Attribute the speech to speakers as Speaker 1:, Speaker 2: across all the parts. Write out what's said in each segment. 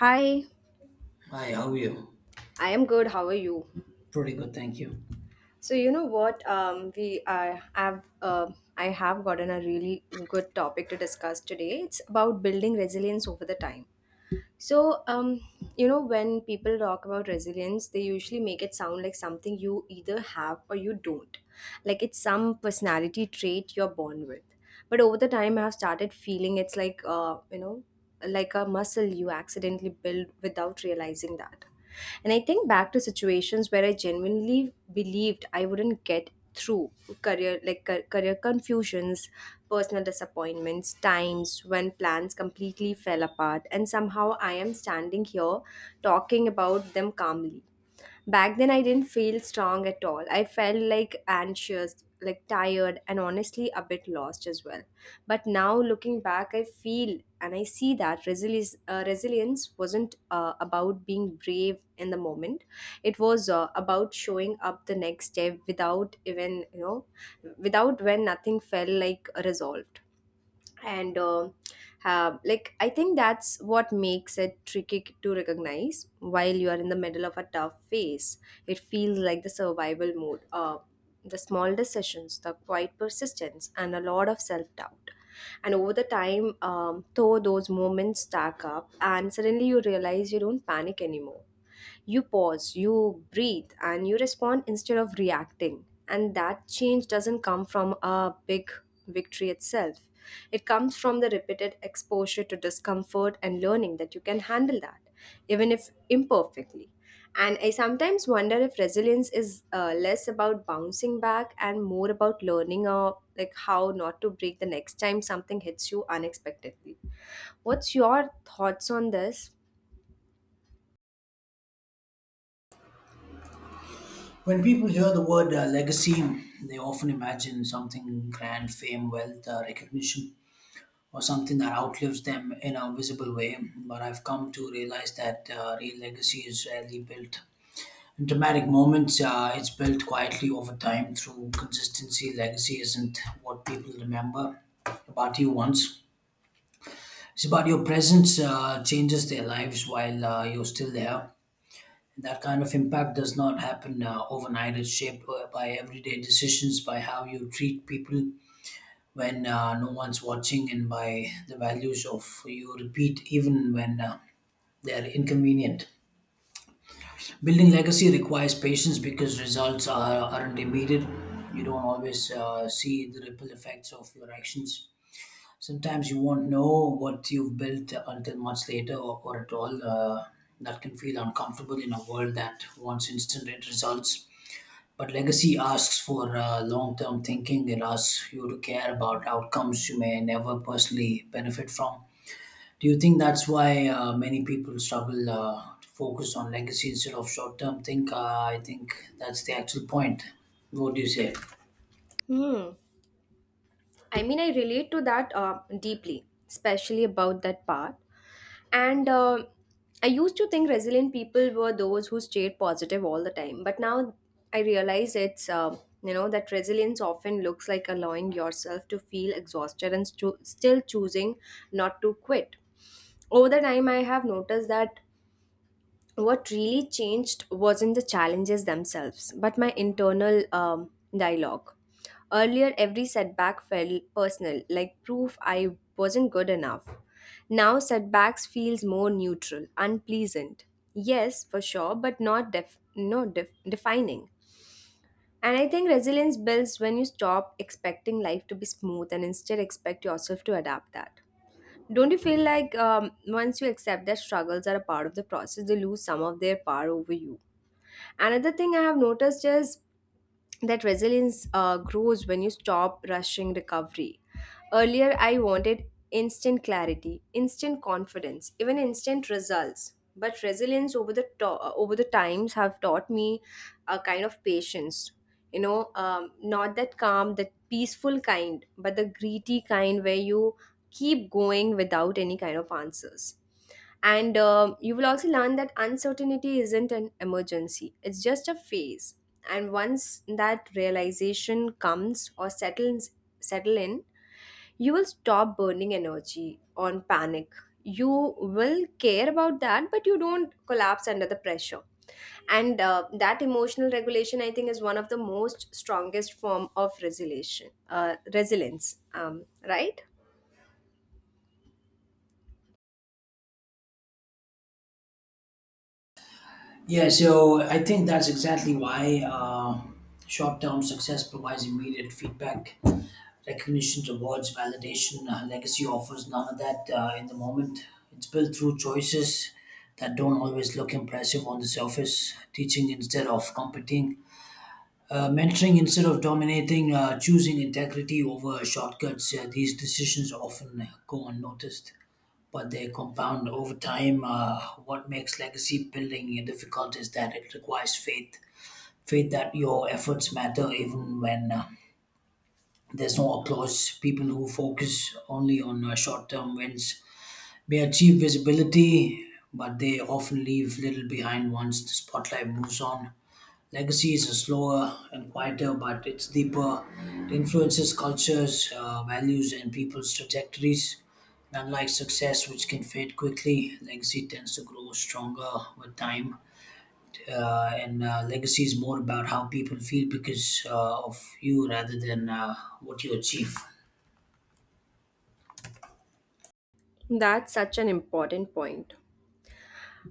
Speaker 1: Hi,
Speaker 2: Hi, how are you?
Speaker 1: I am good. How are you?
Speaker 2: Pretty good, thank you.
Speaker 1: So you know what? We have I have gotten a really good topic to discuss today. It's about building resilience over the time. So, when people talk about resilience, they usually make it sound like something you either have or you don't. Like it's some personality trait you're born with. But over the time, I've started feeling it's like, like a muscle you accidentally build without realizing that. And I think back to situations where I genuinely believed I wouldn't get through career, like career confusions, personal disappointments, times when plans completely fell apart, and somehow I am standing here talking about them calmly. Back then, I didn't feel strong at all. I felt like anxious, like tired, and honestly a bit lost as well. But now, looking back, I feel and I see that resilience wasn't about being brave in the moment. It was about showing up the next day without even, without when nothing felt like resolved, and have like I think that's what makes it tricky to recognize while you are in the middle of a tough phase. It feels like the survival mode. The small decisions, the quiet persistence, and a lot of self-doubt. And over the time, though, those moments stack up and suddenly you realize you don't panic anymore. You pause, you breathe, and you respond instead of reacting. And that change doesn't come from a big victory itself. It comes from the repeated exposure to discomfort and learning that you can handle that, even if imperfectly. And I sometimes wonder if resilience is less about bouncing back and more about learning like how not to break the next time something hits you unexpectedly. What's your thoughts on this?
Speaker 2: When people hear the word legacy, they often imagine something grand, fame, wealth, recognition, or something that outlives them in a visible way. But I've come to realize that real legacy is rarely built in dramatic moments. It's built quietly over time through consistency. Legacy isn't what people remember about you once. It's about your presence changes their lives while you're still there. That kind of impact does not happen overnight. It's shaped by everyday decisions, by how you treat people when no one's watching, and by the values of you repeat even when they are inconvenient. Building legacy requires patience because aren't immediate. You don't always see the ripple effects of your actions. Sometimes you won't know what you've built until much later or at all. That can feel uncomfortable in a world that wants instant results. But legacy asks for long term thinking. It asks you to care about outcomes you may never personally benefit from. Do you think that's why many people struggle to focus on legacy instead of short term think? I think that's the actual point. What do you say?
Speaker 1: Hmm. I mean, I relate to that deeply, especially about that part. And I used to think resilient people were those who stayed positive all the time, but now I realize it's that resilience often looks like allowing yourself to feel exhausted and still choosing not to quit. Over the time, I have noticed that what really changed wasn't the challenges themselves, but my internal dialogue. Earlier, every setback felt personal, like proof I wasn't good enough. Now, setbacks feels more neutral, unpleasant. Yes, for sure, but not def- no def- defining. And I think resilience builds when you stop expecting life to be smooth and instead expect yourself to adapt that. Don't you feel like, once you accept that struggles are a part of the process, they lose some of their power over you? Another thing I have noticed is that resilience grows when you stop rushing recovery. Earlier, I wanted instant clarity, instant confidence, even instant results. But resilience over the times have taught me a kind of patience. You know, not that calm, that peaceful kind, but the greedy kind where you keep going without any kind of answers. And you will also learn that uncertainty isn't an emergency, it's just a phase. And once that realization comes or settles settle in, you will stop burning energy on panic. You will care about that, but you don't collapse under the pressure. And that emotional regulation, I think, is one of the most strongest form of resilience. Right?
Speaker 2: Yeah, so I think that's exactly why short term success provides immediate feedback, recognition, rewards, validation. Legacy offers none of that in the moment. It's built through choices that don't always look impressive on the surface, teaching instead of competing, mentoring instead of dominating, choosing integrity over shortcuts. These decisions often go unnoticed, but they compound over time. What makes legacy building difficult is that it requires faith, that your efforts matter even when there's no applause. People who focus only on short term wins may achieve visibility, but they often leave little behind once the spotlight moves on. Legacy is slower and quieter, but it's deeper. It influences cultures, values, and people's trajectories. And unlike success, which can fade quickly, legacy tends to grow stronger with time. And legacy is more about how people feel because of you rather than what you achieve.
Speaker 1: That's such an important point.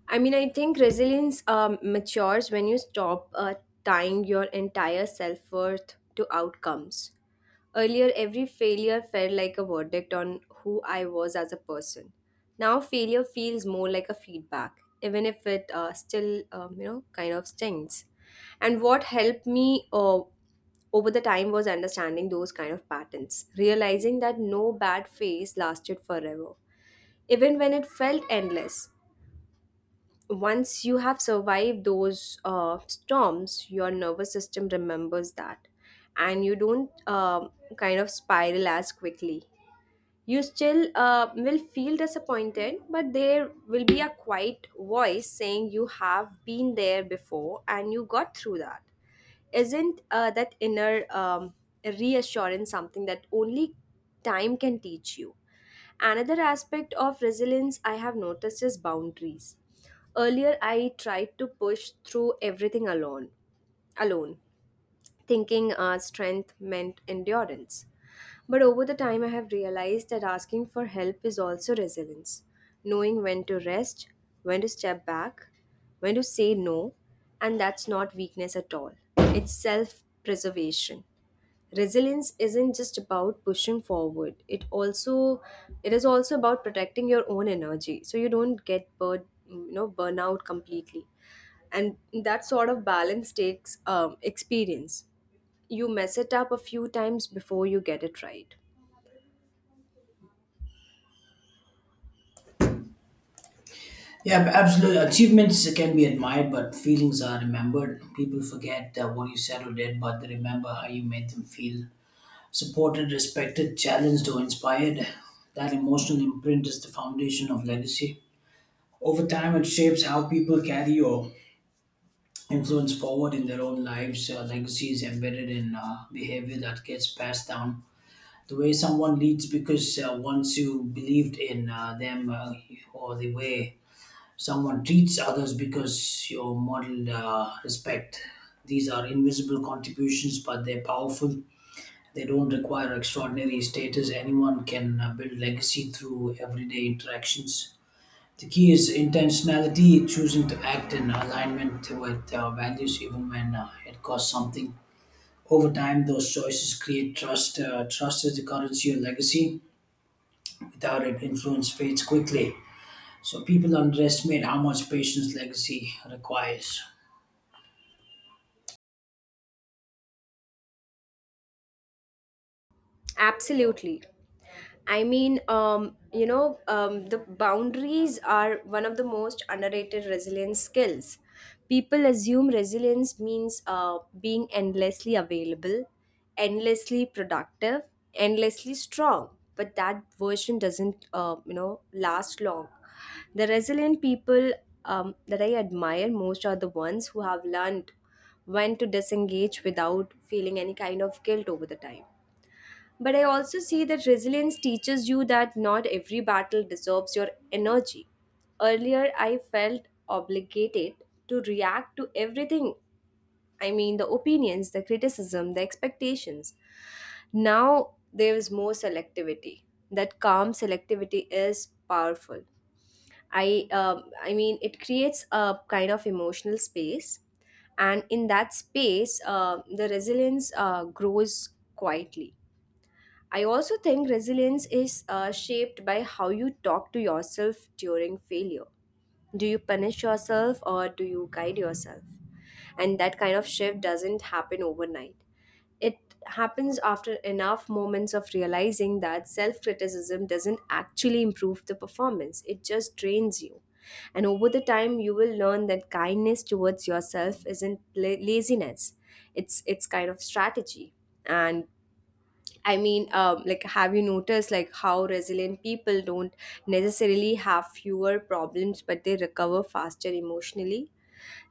Speaker 1: I mean, I think resilience matures when you stop tying your entire self worth to outcomes. Earlier, every failure felt like a verdict on who I was as a person. Now, failure feels more like a feedback, even if it still, kind of stings. And what helped me over the time was understanding those kind of patterns, realizing that no bad phase lasted forever, even when it felt endless. Once you have survived those storms, your nervous system remembers that, and you don't kind of spiral as quickly. You still will feel disappointed, but there will be a quiet voice saying you have been there before and you got through that. Isn't that inner reassurance something that only time can teach you? Another aspect of resilience I have noticed is boundaries. Earlier, I tried to push through everything alone, thinking strength meant endurance. But over the time, I have realized that asking for help is also resilience. Knowing when to rest, when to step back, when to say no, and that's not weakness at all. It's self preservation. Resilience isn't just about pushing forward, it also it is also about protecting your own energy so you don't get burnout completely. And that sort of balance takes experience. You mess it up a few times before you get it right.
Speaker 2: Yeah, absolutely. Achievements can be admired, but feelings are remembered. People forget what you said or did, but they remember how you made them feel: supported, respected, challenged, or inspired. That emotional imprint is the foundation of legacy. Over time, it shapes how people carry or influence forward in their own lives. Legacy is embedded in behavior that gets passed down. The way someone leads, because once you believed in them, or the way someone treats others, because you modeled respect. These are invisible contributions, but they're powerful. They don't require extraordinary status. Anyone can build legacy through everyday interactions. The key is intentionality, choosing to act in alignment with values even when it costs something. Over time, those choices create trust. Trust is the currency of legacy. Without it, influence fades quickly. So people underestimate how much patience legacy requires.
Speaker 1: Absolutely. I mean, the boundaries are one of the most underrated resilience skills. People assume resilience means being endlessly available, endlessly productive, endlessly strong. But that version doesn't, you know, last long. The resilient people, that I admire most, are the ones who have learned when to disengage without feeling any kind of guilt over the time. But I also see that resilience teaches you that not every battle deserves your energy. Earlier, I felt obligated to react to everything, I mean, the opinions, the criticism, the expectations. Now, there is more selectivity. That calm selectivity is powerful. I mean, it creates a kind of emotional space, and in that space, the resilience grows quietly. I also think resilience is shaped by how you talk to yourself during failure. Do you punish yourself or do you guide yourself? And that kind of shift doesn't happen overnight. It happens after enough moments of realizing that self criticism doesn't actually improve the performance, it just drains you. And over the time, you will learn that kindness towards yourself isn't laziness, it's kind of strategy. And I mean, like, have you noticed like how resilient people don't necessarily have fewer problems, but they recover faster emotionally?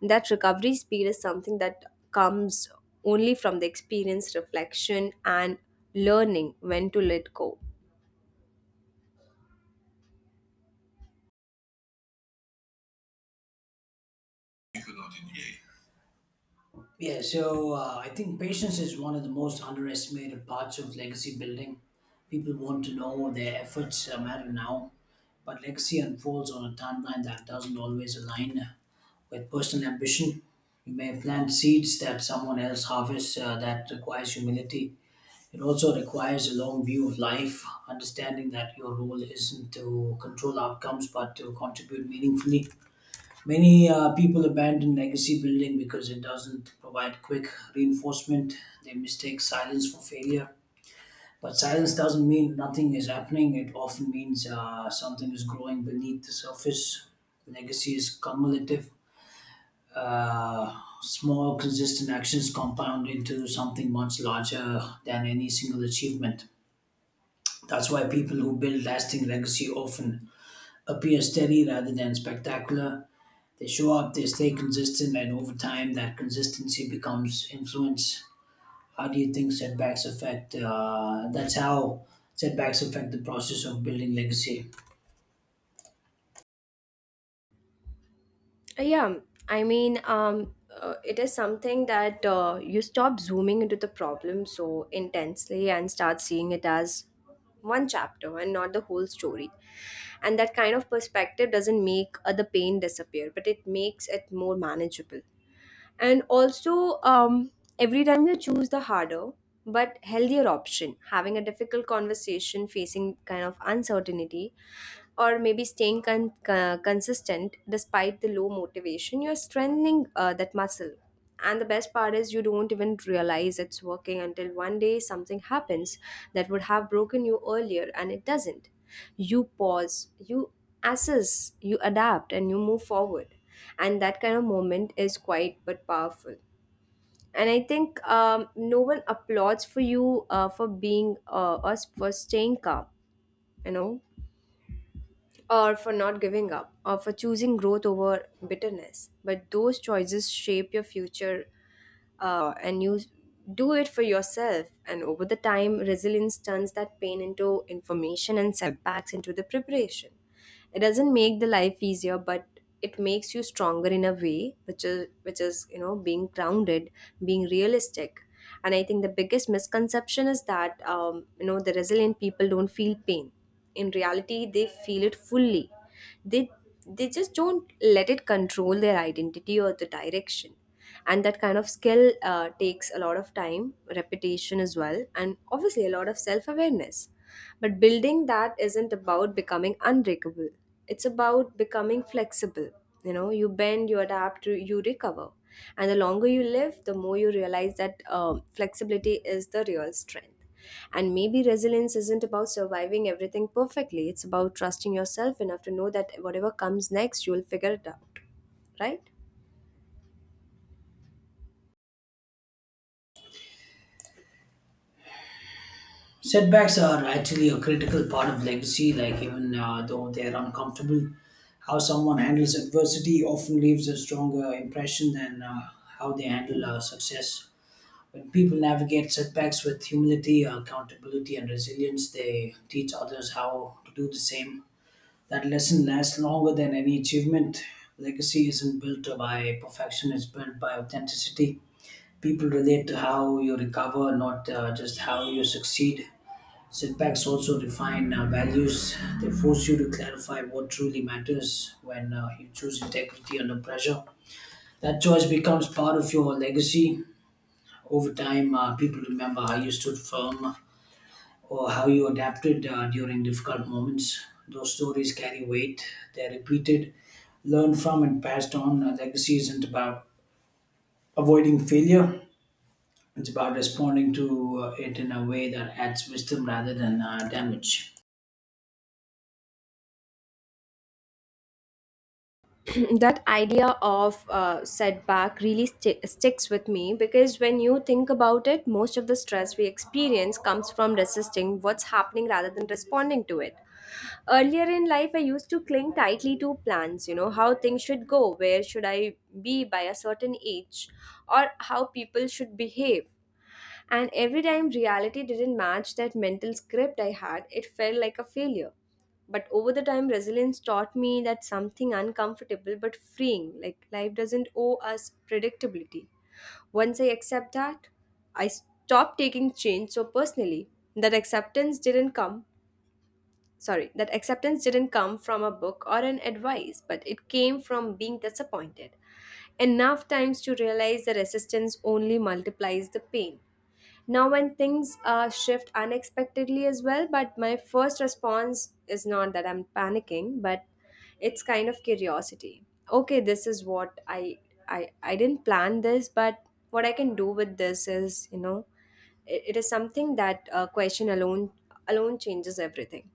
Speaker 1: That recovery speed is something that comes only from the experience, reflection, and learning when to let go.
Speaker 2: Yeah, so I think patience is one of the most underestimated parts of legacy building. People want to know their efforts matter now, but legacy unfolds on a timeline that doesn't always align with personal ambition. You may plant seeds that someone else harvests, that requires humility. It also requires a long view of life, understanding that your role isn't to control outcomes but to contribute meaningfully. Many people abandon legacy building because it doesn't provide quick reinforcement. They mistake silence for failure. But silence doesn't mean nothing is happening, it often means something is growing beneath the surface. Legacy is cumulative. Small, consistent actions compound into something much larger than any single achievement. That's why people who build lasting legacy often appear steady rather than spectacular. They show up, they stay consistent, and over time, that consistency becomes influence. How do you think setbacks affect? That's how setbacks affect the process of building legacy?
Speaker 1: Yeah, I mean, it is something that you stop zooming into the problem so intensely and start seeing it as one chapter and not the whole story. And that kind of perspective doesn't make the pain disappear, but it makes it more manageable. And also, every time you choose the harder but healthier option, having a difficult conversation, facing kind of uncertainty, or maybe staying consistent despite the low motivation, you're strengthening that muscle. And the best part is, you don't even realize it's working until one day something happens that would have broken you earlier, and it doesn't. You pause, you assess, you adapt, and you move forward. And that kind of moment is quite but powerful. And I think, no one applauds for you for being us for staying calm, you know, or for not giving up, or for choosing growth over bitterness. But those choices shape your future, and you do it for yourself. And over the time, resilience turns that pain into information and setbacks into the preparation. It doesn't make the life easier, but it makes you stronger in a way, which is, which is, you know, being grounded, being realistic. And I think the biggest misconception is that, the resilient people don't feel pain. In reality, they feel it fully. They they just don't let it control their identity or the direction. And that kind of skill takes a lot of time, repetition as well, and obviously a lot of self-awareness. But building that isn't about becoming unbreakable, it's about becoming flexible. You know, you bend, you adapt, you recover. And the longer you live, the more you realize that, flexibility is the real strength. And maybe resilience isn't about surviving everything perfectly, it's about trusting yourself enough to know that whatever comes next, you'll figure it out, right?
Speaker 2: Setbacks are actually a critical part of legacy. Like even though they're uncomfortable, how someone handles adversity often leaves a stronger impression than how they handle success. When people navigate setbacks with humility, accountability, and resilience, they teach others how to do the same. That lesson lasts longer than any achievement. Legacy isn't built by perfection, it's built by authenticity. People relate to how you recover, not just how you succeed. Setbacks also define values. They force you to clarify what truly matters when you choose integrity under pressure. That choice becomes part of your legacy over time. People remember how you stood firm or how you adapted during difficult moments. Those stories carry weight, they're repeated, learned from, and passed on. A legacy isn't about avoiding failure, it's about responding to it in a way that adds wisdom rather than damage.
Speaker 1: That idea of setback really sticks with me because when you think about it, most of the stress we experience comes from resisting what's happening rather than responding to it. Earlier in life, I used to cling tightly to plans, you know, how things should go, where should I be by a certain age, or how people should behave. And every time reality didn't match that mental script I had, it felt like a failure. But over the time, resilience taught me that something uncomfortable but freeing, like life doesn't owe us predictability. Once I accept that, I stopped taking change so personally. That acceptance didn't come, sorry, that acceptance didn't come from a book or an advice, but it came from being disappointed enough times to realize the resistance only multiplies the pain. Now when things shift unexpectedly as well, but my first response is not that I'm panicking, but it's kind of curiosity. Okay, this is what I didn't plan this, but what I can do with this is. It is something that question alone changes everything.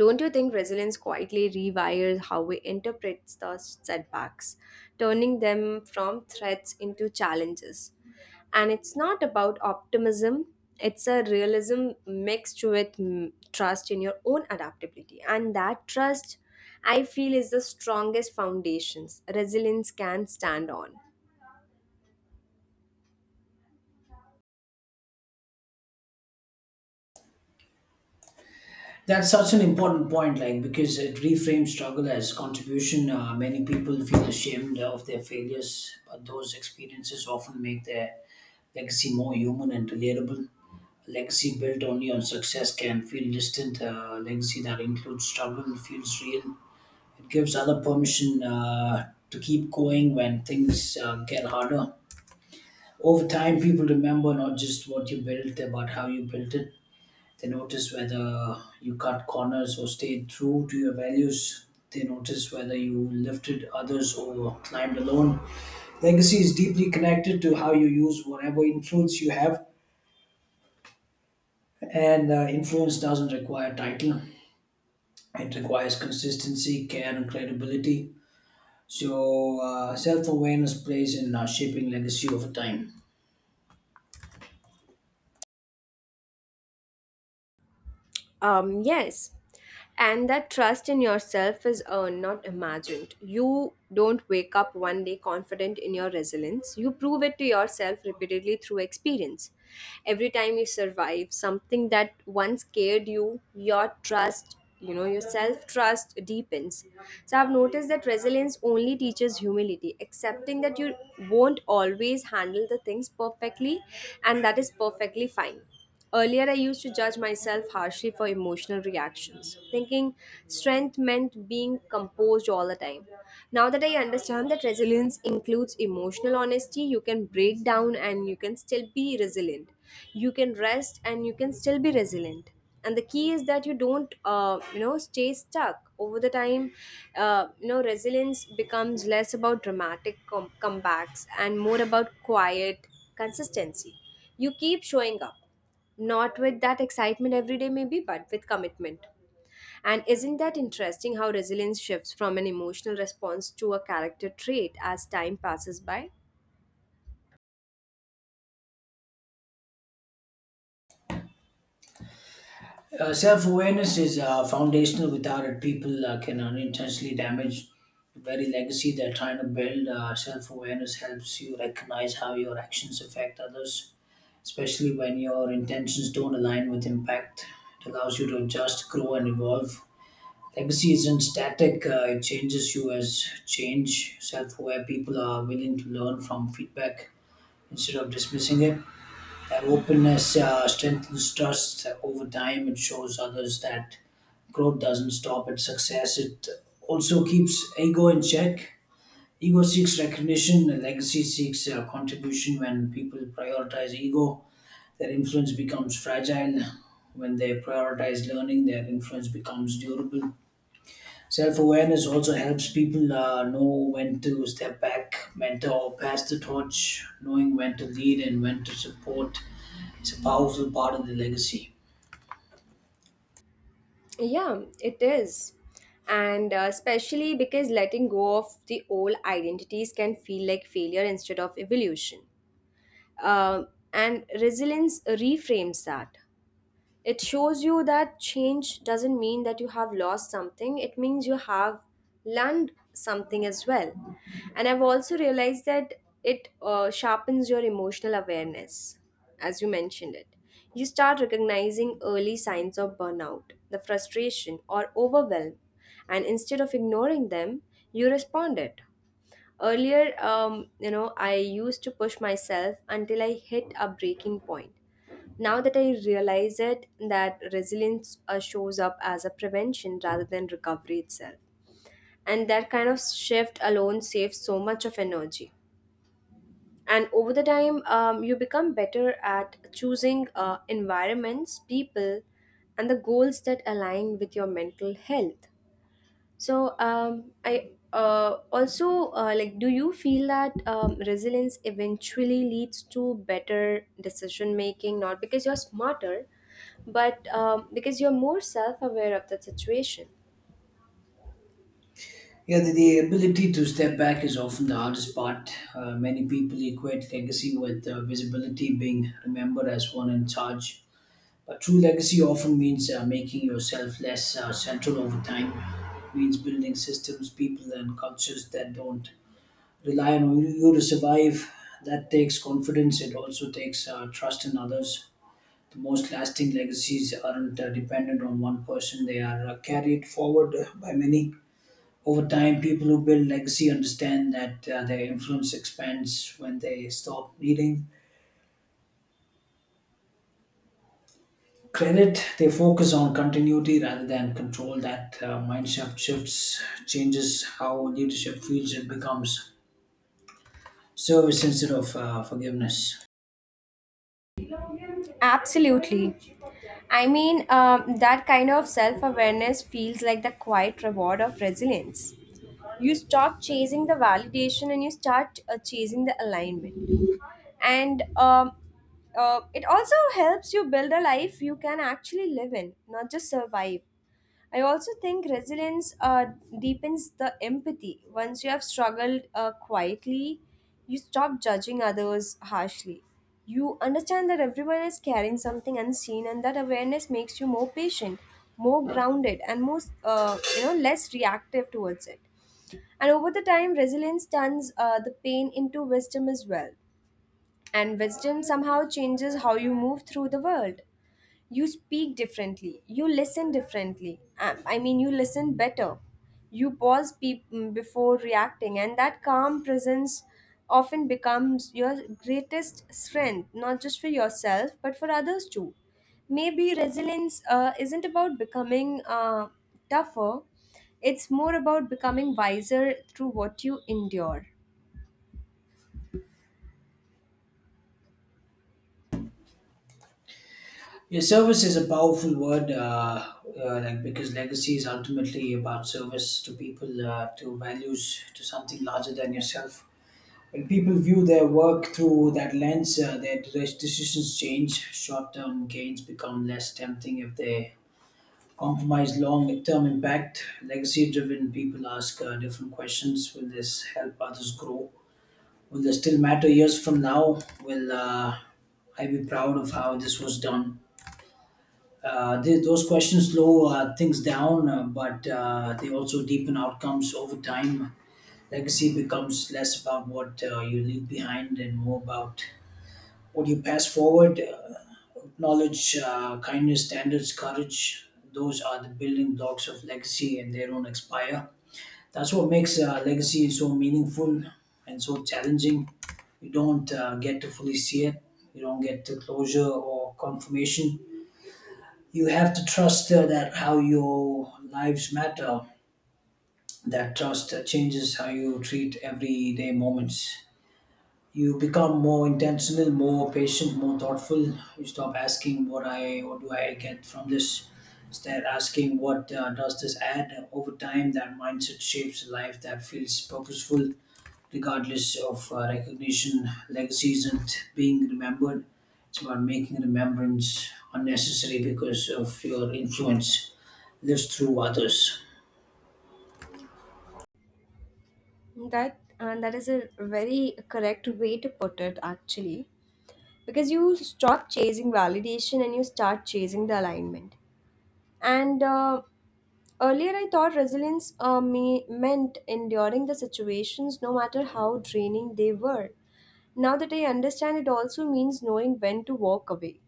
Speaker 1: Don't you think resilience quietly rewires how we interpret the setbacks, turning them from threats into challenges? And it's not about optimism, it's a realism mixed with trust in your own adaptability. And that trust, I feel, is the strongest foundations resilience can stand on.
Speaker 2: That's such an important point, like because it reframes struggle as contribution. Many people feel ashamed of their failures, but those experiences often make their legacy more human and relatable. A legacy built only on success can feel distant. A legacy that includes struggle feels real. It gives other permission to keep going when things get harder. Over time, people remember not just what you built, but how you built it. They notice whether you cut corners or stayed true to your values. They notice whether you lifted others or climbed alone. Legacy is deeply connected to how you use whatever influence you have. And influence doesn't require title, it requires consistency, care, and credibility. So, self awareness plays in shaping legacy over time.
Speaker 1: Yes. And that trust in yourself is earned, not imagined. You don't wake up one day confident in your resilience. You prove it to yourself repeatedly through experience. Every time you survive something that once scared you, your trust, your self trust deepens. So I've noticed that resilience only teaches humility, accepting that you won't always handle the things perfectly, and that is perfectly fine. Earlier, I used to judge myself harshly for emotional reactions, thinking strength meant being composed all the time. Now that I understand that resilience includes emotional honesty, you can break down and you can still be resilient. You can rest and you can still be resilient. And the key is that you don't stay stuck. Over the time, resilience becomes less about dramatic comebacks and more about quiet consistency. You keep showing up not with that excitement every day, maybe, but with commitment. And isn't that interesting how resilience shifts from an emotional response to a character trait as time passes by?
Speaker 2: Self awareness is foundational. Without it, people can unintentionally damage the very legacy they're trying to build. Self awareness helps you recognize how your actions affect others, especially when your intentions don't align with impact. It allows you to adjust, grow, and evolve. Legacy isn't static, it changes you as change. Self aware people are willing to learn from feedback instead of dismissing it. That openness strengthens trust over time. It shows others that growth doesn't stop at success. It also keeps ego in check. Ego seeks recognition, and legacy seeks contribution. When people prioritize ego, their influence becomes fragile. When they prioritize learning, their influence becomes durable. Self awareness also helps people know when to step back, mentor, or pass the torch. Knowing when to lead and when to support is a powerful part of the legacy.
Speaker 1: Yeah, it is. And especially because letting go of the old identities can feel like failure instead of evolution. Uh, and resilience reframes that. It shows you that change doesn't mean that you have lost something, it means you have learned something as well. And I've also realized that it sharpens your emotional awareness, as you mentioned it. You start recognizing early signs of burnout, the frustration or overwhelm, and instead of ignoring them, you respond it. Earlier, I used to push myself until I hit a breaking point. Now that I realize it, that resilience shows up as a prevention rather than recovery itself. And that kind of shift alone saves so much of energy. And over the time, you become better at choosing environments, people, and the goals that align with your mental health. So I also like. Do you feel that resilience eventually leads to better decision making? Not because you're smarter, but because you're more self-aware of the situation.
Speaker 2: Yeah, the ability to step back is often the hardest part. Many people equate legacy with visibility, being remembered as one in charge. But true legacy often means making yourself less central over time. It means building systems, people, and cultures that don't rely on you to survive. That takes confidence. It also takes trust in others. The most lasting legacies aren't dependent on one person, they are carried forward by many. Over time, people who build legacy understand that their influence expands when they stop needing credit. They focus on continuity rather than control. That mind shift changes how leadership feels, it becomes service instead of forgiveness.
Speaker 1: Absolutely. I mean, that kind of self awareness feels like the quiet reward of resilience. You stop chasing the validation and you start chasing the alignment. And it also helps you build a life you can actually live in, not just survive. I also think resilience deepens the empathy. Once you have struggled quietly, you stop judging others harshly. You understand that everyone is carrying something unseen, and that awareness makes you more patient, more grounded, and more less reactive towards it. And over the time, resilience turns the pain into wisdom as well. And wisdom somehow changes how you move through the world. You speak differently, you listen differently. I mean, you listen better. You pause before reacting, and that calm presence often becomes your greatest strength, not just for yourself but for others too. Maybe resilience isn't about becoming tougher, it's more about becoming wiser through what you endure.
Speaker 2: Yeah, service is a powerful word, like because legacy is ultimately about service to people, to values, to something larger than yourself. When people view their work through that lens, their decisions change. Short-term gains become less tempting if they compromise long-term impact. Legacy-driven people ask different questions: Will this help others grow? Will this still matter years from now? Will I be proud of how this was done? Those questions slow things down, but they also deepen outcomes over time. Legacy becomes less about what you leave behind and more about what you pass forward. Knowledge, kindness, standards, courage, those are the building blocks of legacy, and they don't expire. That's what makes legacy so meaningful and so challenging. You don't get to fully see it, you don't get to closure or confirmation. You have to trust that how your lives matter. That trust changes how you treat everyday moments. You become more intentional, more patient, more thoughtful. You stop asking what do I get from this, instead asking what does this add over time. That mindset shapes a life that feels purposeful regardless of recognition. Legacy isn't being remembered, it's about making remembrance unnecessary because of your influence lives through others.
Speaker 1: That is a very correct way to put it actually, because you stop chasing validation and you start chasing the alignment. And Earlier, I thought resilience meant enduring the situations no matter how draining they were. Now that I understand, it also means knowing when to walk away.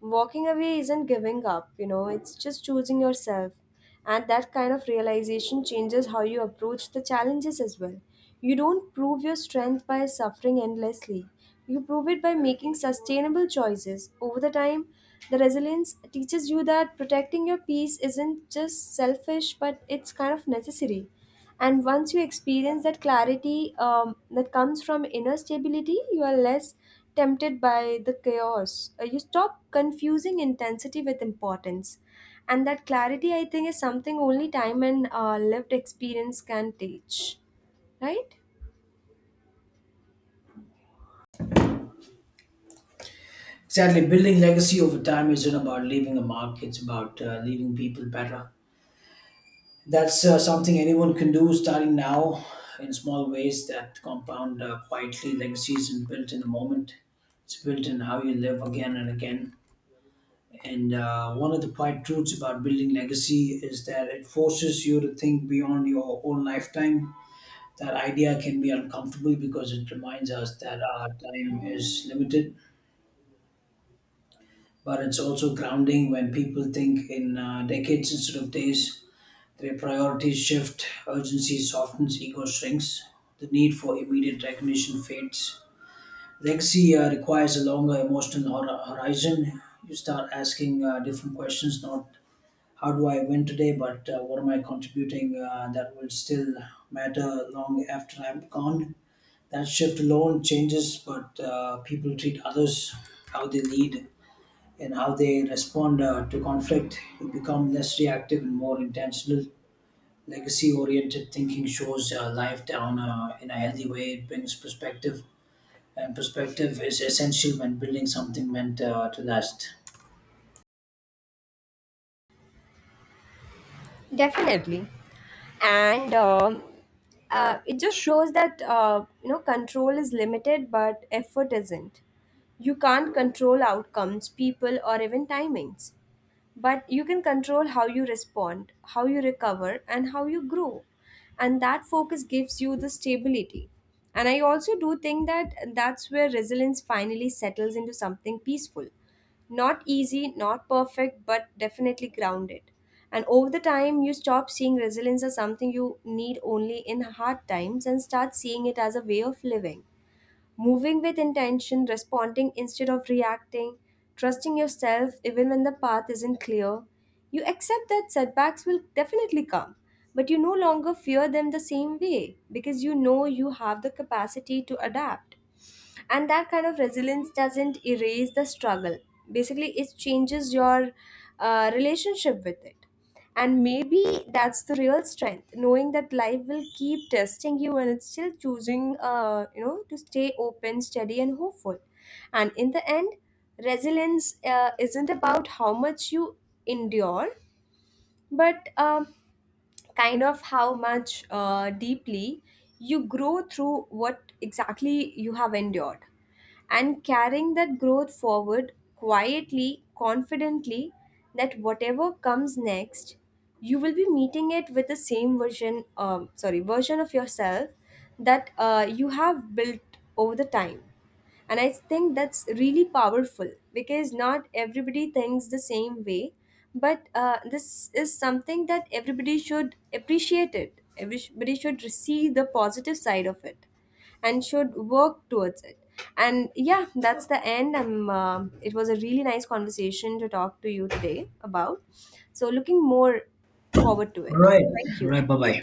Speaker 1: Walking away isn't giving up, you know, it's just choosing yourself. And that kind of realization changes how you approach the challenges as well. You don't prove your strength by suffering endlessly. You prove it by making sustainable choices. Over the time, the resilience teaches you that protecting your peace isn't just selfish, but it's kind of necessary. And once you experience that clarity, that comes from inner stability, you are less tempted by the chaos. You stop confusing intensity with importance, and that clarity, I think, is something only time and lived experience can teach, right?
Speaker 2: Exactly. Building legacy over time isn't about leaving a mark, it's about leaving people better. That's something anyone can do starting now, in small ways that compound quietly. Legacy isn't built in a moment, it's built in how you live again and again. And one of the quiet truths about building legacy is that it forces you to think beyond your own lifetime. That idea can be uncomfortable because it reminds us that our time is limited, but it's also grounding when people think in decades instead of days. Their priorities shift, urgency softens, ego shrinks, the need for immediate recognition fades. Legacy requires a longer emotional horizon. You start asking different questions, not how do I win today, but what am I contributing that will still matter long after I'm gone. That shift alone changes, but people treat others how they lead and how they respond to conflict. You become less reactive and more intentional. Legacy oriented thinking shows life down in a healthy way. It brings perspective, and perspective is essential when building something meant to last.
Speaker 1: Definitely. And it just shows that, control is limited, but effort isn't. You can't control outcomes, people, or even timings, but you can control how you respond, how you recover, and how you grow. And that focus gives you the stability. And I also do think that that's where resilience finally settles into something peaceful. Not easy, not perfect, but definitely grounded. And over the time, you stop seeing resilience as something you need only in hard times and start seeing it as a way of living. Moving with intention, responding instead of reacting, trusting yourself even when the path isn't clear. You accept that setbacks will definitely come, but you no longer fear them the same way because you know you have the capacity to adapt. And that kind of resilience doesn't erase the struggle, basically it changes your relationship with it. And maybe that's the real strength, knowing that life will keep testing you and it's still choosing, to stay open, steady and hopeful. And in the end, resilience isn't about how much you endure, but kind of how much deeply you grow through what exactly you have endured, and carrying that growth forward quietly, confidently, that whatever comes next, you will be meeting it with the same version of yourself that you have built over the time. And I think that's really powerful, because not everybody thinks the same way, but this is something that everybody should appreciate it, everybody should see the positive side of it and should work towards it. And yeah, that's the end. I'm, it was a really nice conversation to talk to you today about. So looking more forward to
Speaker 2: All
Speaker 1: it.
Speaker 2: right.
Speaker 1: Thank
Speaker 2: All
Speaker 1: you.
Speaker 2: right. Bye bye.